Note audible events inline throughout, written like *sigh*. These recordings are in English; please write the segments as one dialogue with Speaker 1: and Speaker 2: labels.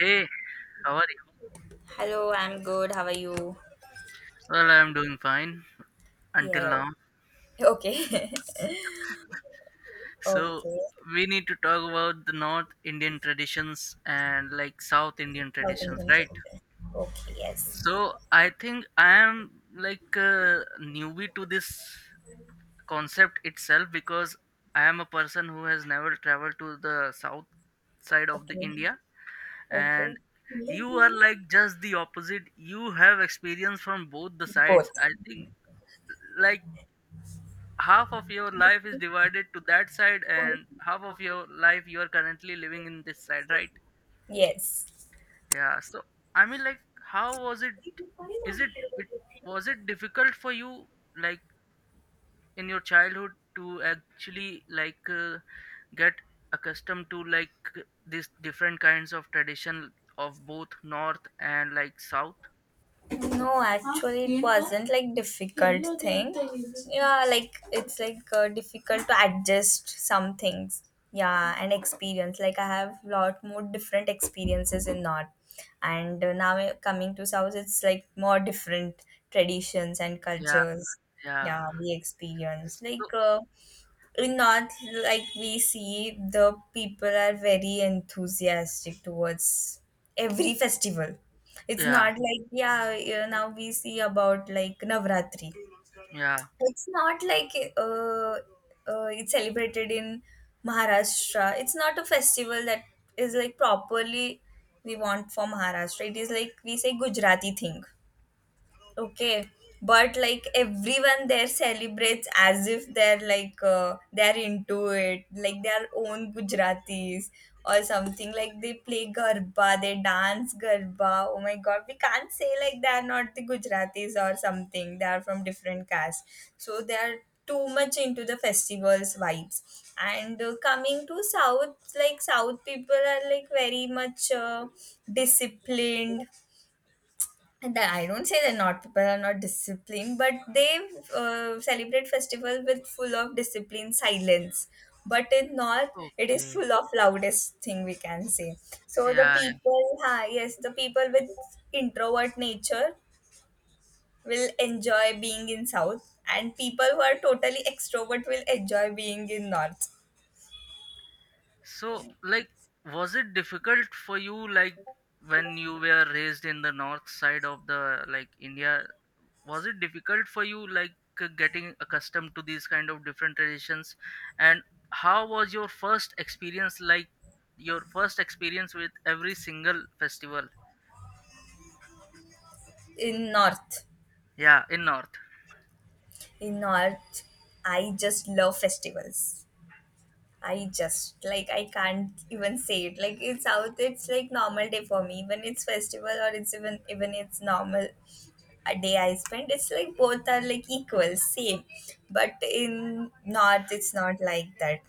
Speaker 1: Hey, how are you?
Speaker 2: Hello, I'm good. How are you?
Speaker 1: Well, I'm doing fine until
Speaker 2: Yeah.
Speaker 1: now.
Speaker 2: Okay. *laughs*
Speaker 1: So,
Speaker 2: Okay.
Speaker 1: we need to talk about the North Indian traditions and like South Indian
Speaker 2: South
Speaker 1: traditions,
Speaker 2: Indian
Speaker 1: right?
Speaker 2: tradition. Okay. Yes.
Speaker 1: So, I think I am like a newbie to this concept itself because I am a person who has never traveled to the south side of the
Speaker 2: Okay.
Speaker 1: India and
Speaker 2: Okay.
Speaker 1: you are like just the opposite. You have experience from both the sides.
Speaker 2: Both.
Speaker 1: I think like half of your life is divided to that side and half of your life you are currently living in this side, right?
Speaker 2: Yes.
Speaker 1: Yeah. I mean like how was it, is it, it was
Speaker 2: *laughs*
Speaker 1: it difficult for you like in your childhood to actually get accustomed to like these different kinds of tradition of both north and like south?
Speaker 2: No. Huh? Actually, it wasn't like difficult thing. Yeah, like it's like difficult to adjust some things. Yeah, and experience. Like I have lot more different experiences in North, and now coming to South, it's like more different traditions and
Speaker 1: Yeah,
Speaker 2: cultures.
Speaker 1: yeah.
Speaker 2: Yeah, we experience
Speaker 1: So
Speaker 2: like. Not like we see the people are very enthusiastic towards every *laughs* festival. It's
Speaker 1: yeah,
Speaker 2: not like, yeah, you now we see about like Navratri.
Speaker 1: yeah.
Speaker 2: It's not like uh, it's celebrated in Maharashtra. It's not a festival that is like properly we want for Maharashtra. It is like we say Gujarati thing. Okay, but like everyone there celebrates as if they're like they're into it, like their own Gujaratis or something. Like they play garba, they dance garba. Oh my God, we can't say like they're not the Gujaratis or something. They are from different caste, so they are too much into the festivals vibes. And coming to South, like South people are like very much disciplined, and I don't say that not people are not disciplined, but they celebrate festival with full of discipline, silence. But in North, it is
Speaker 1: Okay.
Speaker 2: full of loudest thing we can say. So the
Speaker 1: Yeah.
Speaker 2: people, ha, yes, the people with introvert nature will enjoy being in South, and people who are totally extrovert will enjoy being in North.
Speaker 1: So, like, was it difficult for you, like, when you were raised in the north side of the, like, India? Was it difficult for you, like, getting accustomed to these kind of different traditions? And how was your first experience, like, your first experience with every single festival?
Speaker 2: In North,
Speaker 1: Yeah, in north.
Speaker 2: in North, I just love festivals. I just like I can't even say it. Like it's out it's like normal day for me. When it's festival or it's even it's normal a day I spend, it's like both are like equal, same. But in north it's not like that.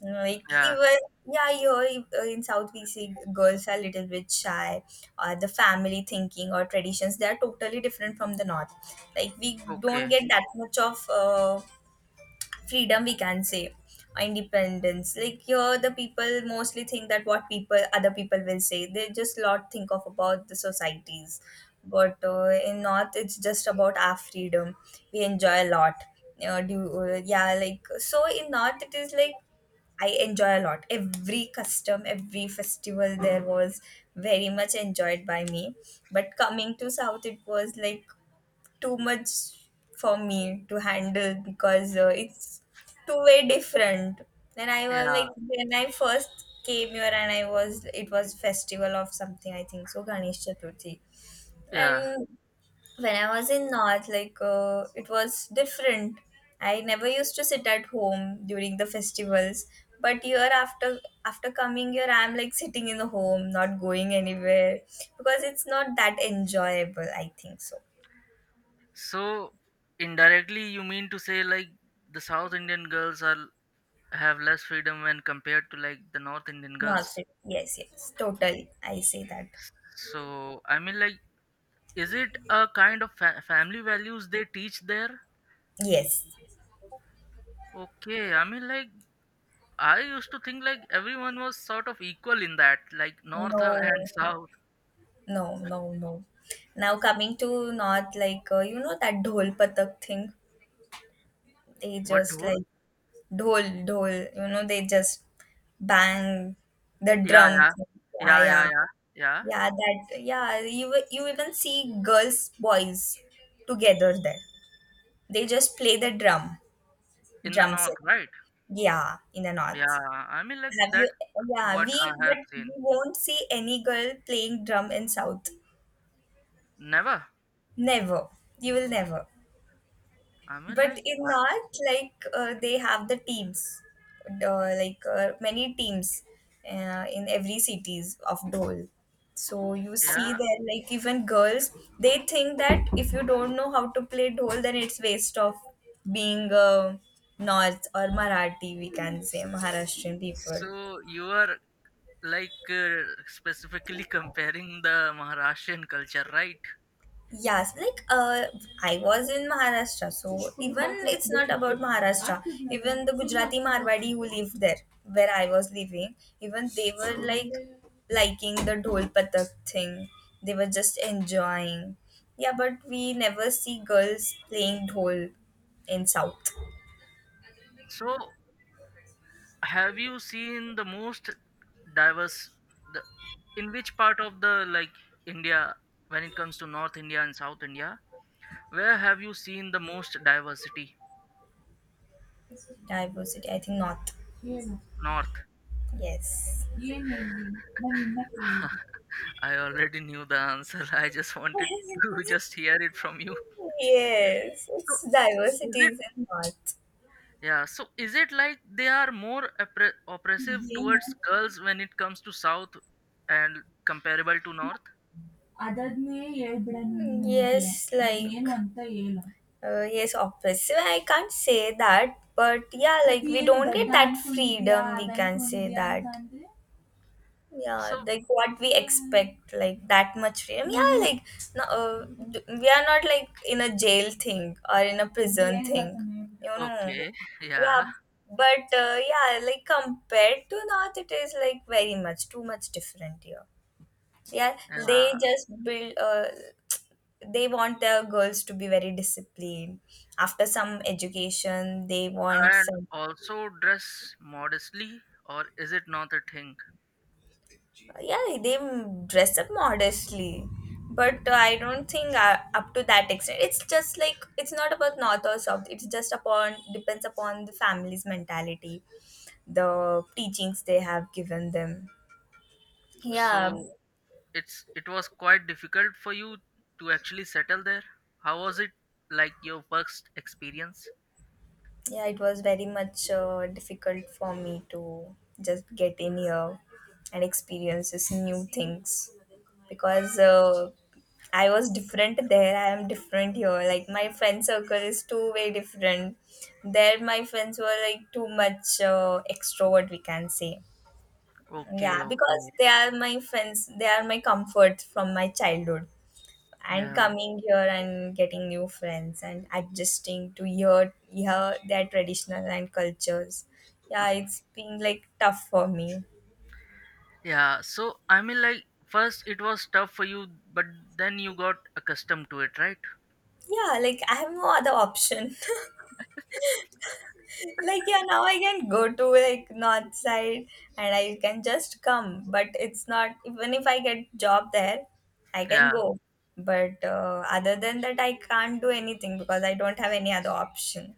Speaker 2: Like
Speaker 1: Yeah,
Speaker 2: even, yeah, here in South we see girls are a little bit shy, or the family thinking or traditions they are totally different from the north. Like we don't
Speaker 1: okay.
Speaker 2: get that much of freedom we can say, or independence. Like here the people mostly think that what people other people will say, they just lot think of about the societies. But in north it's just about our freedom. We enjoy a lot. Do Yeah, like so in north it is like I enjoy a lot, every custom, every festival there was very much enjoyed by me. But coming to south it was like too much for me to handle because it's too way different. Then I was
Speaker 1: Yeah,
Speaker 2: like, when I first came here and it was festival of something, I think so, Ganesh Chaturthi.
Speaker 1: yeah.
Speaker 2: And when I was in North, like, it was different. I never used to sit at home during the festivals. But here after coming here, I'm like sitting in the home, not going anywhere because it's not that enjoyable. I think so.
Speaker 1: So, indirectly, you mean to say, like, the South Indian girls are have less freedom when compared to like the North Indian
Speaker 2: North
Speaker 1: girls.
Speaker 2: Street. Yes, yes, totally. I say that.
Speaker 1: so i mean like is it a kind of family values they teach there?
Speaker 2: Yes.
Speaker 1: Okay, I mean, like, I used to think like everyone was sort of equal in that like north
Speaker 2: No,
Speaker 1: and south.
Speaker 2: no, no, no. Now coming to North, like you know that dhol patak thing. They
Speaker 1: What
Speaker 2: just
Speaker 1: dhol?
Speaker 2: like dhol, dhol. You know they just bang the
Speaker 1: Yeah,
Speaker 2: drum.
Speaker 1: yeah,
Speaker 2: Thing. Yeah,
Speaker 1: yeah.
Speaker 2: yeah,
Speaker 1: Yeah, yeah, yeah.
Speaker 2: yeah. That, yeah. You even see girls, boys together there. They just play the drum,
Speaker 1: In the
Speaker 2: drum
Speaker 1: north,
Speaker 2: set.
Speaker 1: right?
Speaker 2: Yeah, in the North.
Speaker 1: Yeah. I mean, like,
Speaker 2: Have you?
Speaker 1: that's
Speaker 2: Yeah,
Speaker 1: what
Speaker 2: we
Speaker 1: I have
Speaker 2: but we
Speaker 1: seen.
Speaker 2: won't see any girl playing drum in South.
Speaker 1: Never.
Speaker 2: Never. You will never.
Speaker 1: I mean,
Speaker 2: But
Speaker 1: like,
Speaker 2: in
Speaker 1: I,
Speaker 2: North, like they have the teams, like many teams in every cities of Dhol. So you see
Speaker 1: yeah.
Speaker 2: there, like even girls, they think that if you don't know how to play Dhol, then it's waste of being North or Marathi. We can say Maharashtrian people.
Speaker 1: So you are, like, specifically comparing the Maharashtrian culture, right?
Speaker 2: Yes, like I was in Maharashtra, so even it's not about Maharashtra. Even the Gujarati Marwadi who lived there, where I was living, even they were
Speaker 1: So,
Speaker 2: like liking the dhol patak thing. They were just enjoying. Yeah, but we never see girls playing dhol in South
Speaker 1: so have you seen the most diverse, the, in which part of the like India when it comes to North India and South India? Where have you seen the most diversity?
Speaker 2: diversity. I think not.
Speaker 1: North.
Speaker 2: Yes.
Speaker 1: *laughs* I already knew the answer. *laughs* I just wanted to *laughs* just hear it from you.
Speaker 2: Yes,
Speaker 1: So,
Speaker 2: it's
Speaker 1: is
Speaker 2: diversity is in art.
Speaker 1: Yeah, so is it like they are more oppressive
Speaker 2: ಏನು
Speaker 1: towards girls when it comes to South and comparable to North?
Speaker 2: ಅದಾದ್ನೇ ಹೇಳ್ಬಿಡಣ Yes, like ಏನಂತ ಹೇಳು yes, obviously I can't say that, but yeah, like we don't get that freedom. We can say that. Yeah,
Speaker 1: So,
Speaker 2: like what we expect, like that much freedom, yeah, like no, we are not like in a jail thing or in a prison thing.
Speaker 1: okay, *laughs*
Speaker 2: Yeah,
Speaker 1: yeah,
Speaker 2: but yeah, like compared to north it is like very much too much different here. Yeah, they
Speaker 1: yeah,
Speaker 2: just build they want their girls to be very disciplined. After some education they want
Speaker 1: and
Speaker 2: some.
Speaker 1: also dress modestly, or is it not a thing?
Speaker 2: Yeah, they dress up modestly, but I don't think up to that extent. It's just like, it's not about north or south, it's just upon depends upon the family's mentality, the teachings they have given them. Yeah.
Speaker 1: So, it was quite difficult for you to actually settle there. How was it like your first experience?
Speaker 2: Yeah, it was very much difficult for me to just get in here and experience this new things because I was different there. I am different here. Like my friend circle is two-way different. There, my friends were like too much extrovert. We can say, yeah,
Speaker 1: Okay,
Speaker 2: because
Speaker 1: okay,
Speaker 2: they are my friends. They are my comfort from my childhood, and
Speaker 1: yeah.
Speaker 2: coming here and getting new friends and adjusting to your yeah their traditional and cultures. Yeah, it's been like tough for me.
Speaker 1: Yeah, so I mean, like, first it was tough for you, but then you got accustomed to it, right?
Speaker 2: Yeah, like I have no other option. *laughs* Like, yeah, now I can go to like north side, and I can just come. But it's not, even if I get job there I can
Speaker 1: Yeah,
Speaker 2: go. But other than that I can't do anything because I don't have any other option.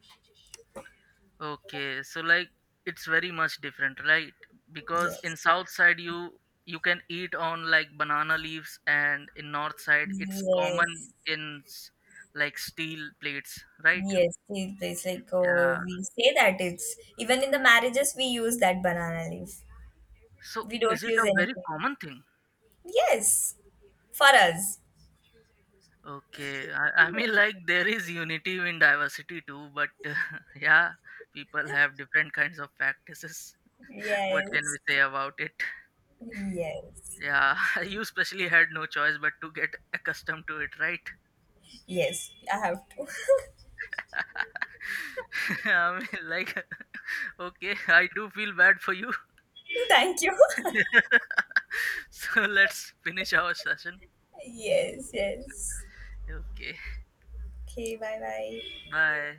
Speaker 1: okay. So, like, it's very much different, right? Because in
Speaker 2: Yes,
Speaker 1: south side, you can eat on like banana leaves, and in north side, it's
Speaker 2: yes.
Speaker 1: common in like steel plates, right?
Speaker 2: Yes, tea place. Like,
Speaker 1: Yeah.
Speaker 2: oh, we say that it's even in the marriages we use that banana leaf.
Speaker 1: So,
Speaker 2: We don't
Speaker 1: is it
Speaker 2: use
Speaker 1: a very
Speaker 2: anything.
Speaker 1: common thing?
Speaker 2: Yes, for us.
Speaker 1: Okay, I mean, like, there is unity in diversity too, but *laughs* yeah, people have different kinds of practices. What can we
Speaker 2: Yes,
Speaker 1: say about it?
Speaker 2: yes,
Speaker 1: Yeah, *laughs* you especially had no choice but to get accustomed to it, right?
Speaker 2: yes. I have to.
Speaker 1: *laughs* I mean, like, *laughs* okay, I do feel bad for you.
Speaker 2: *laughs* Thank you.
Speaker 1: *laughs* so let's finish our session.
Speaker 2: *laughs* Yes, yes.
Speaker 1: Okay,
Speaker 2: Okay. Bye, bye.
Speaker 1: bye.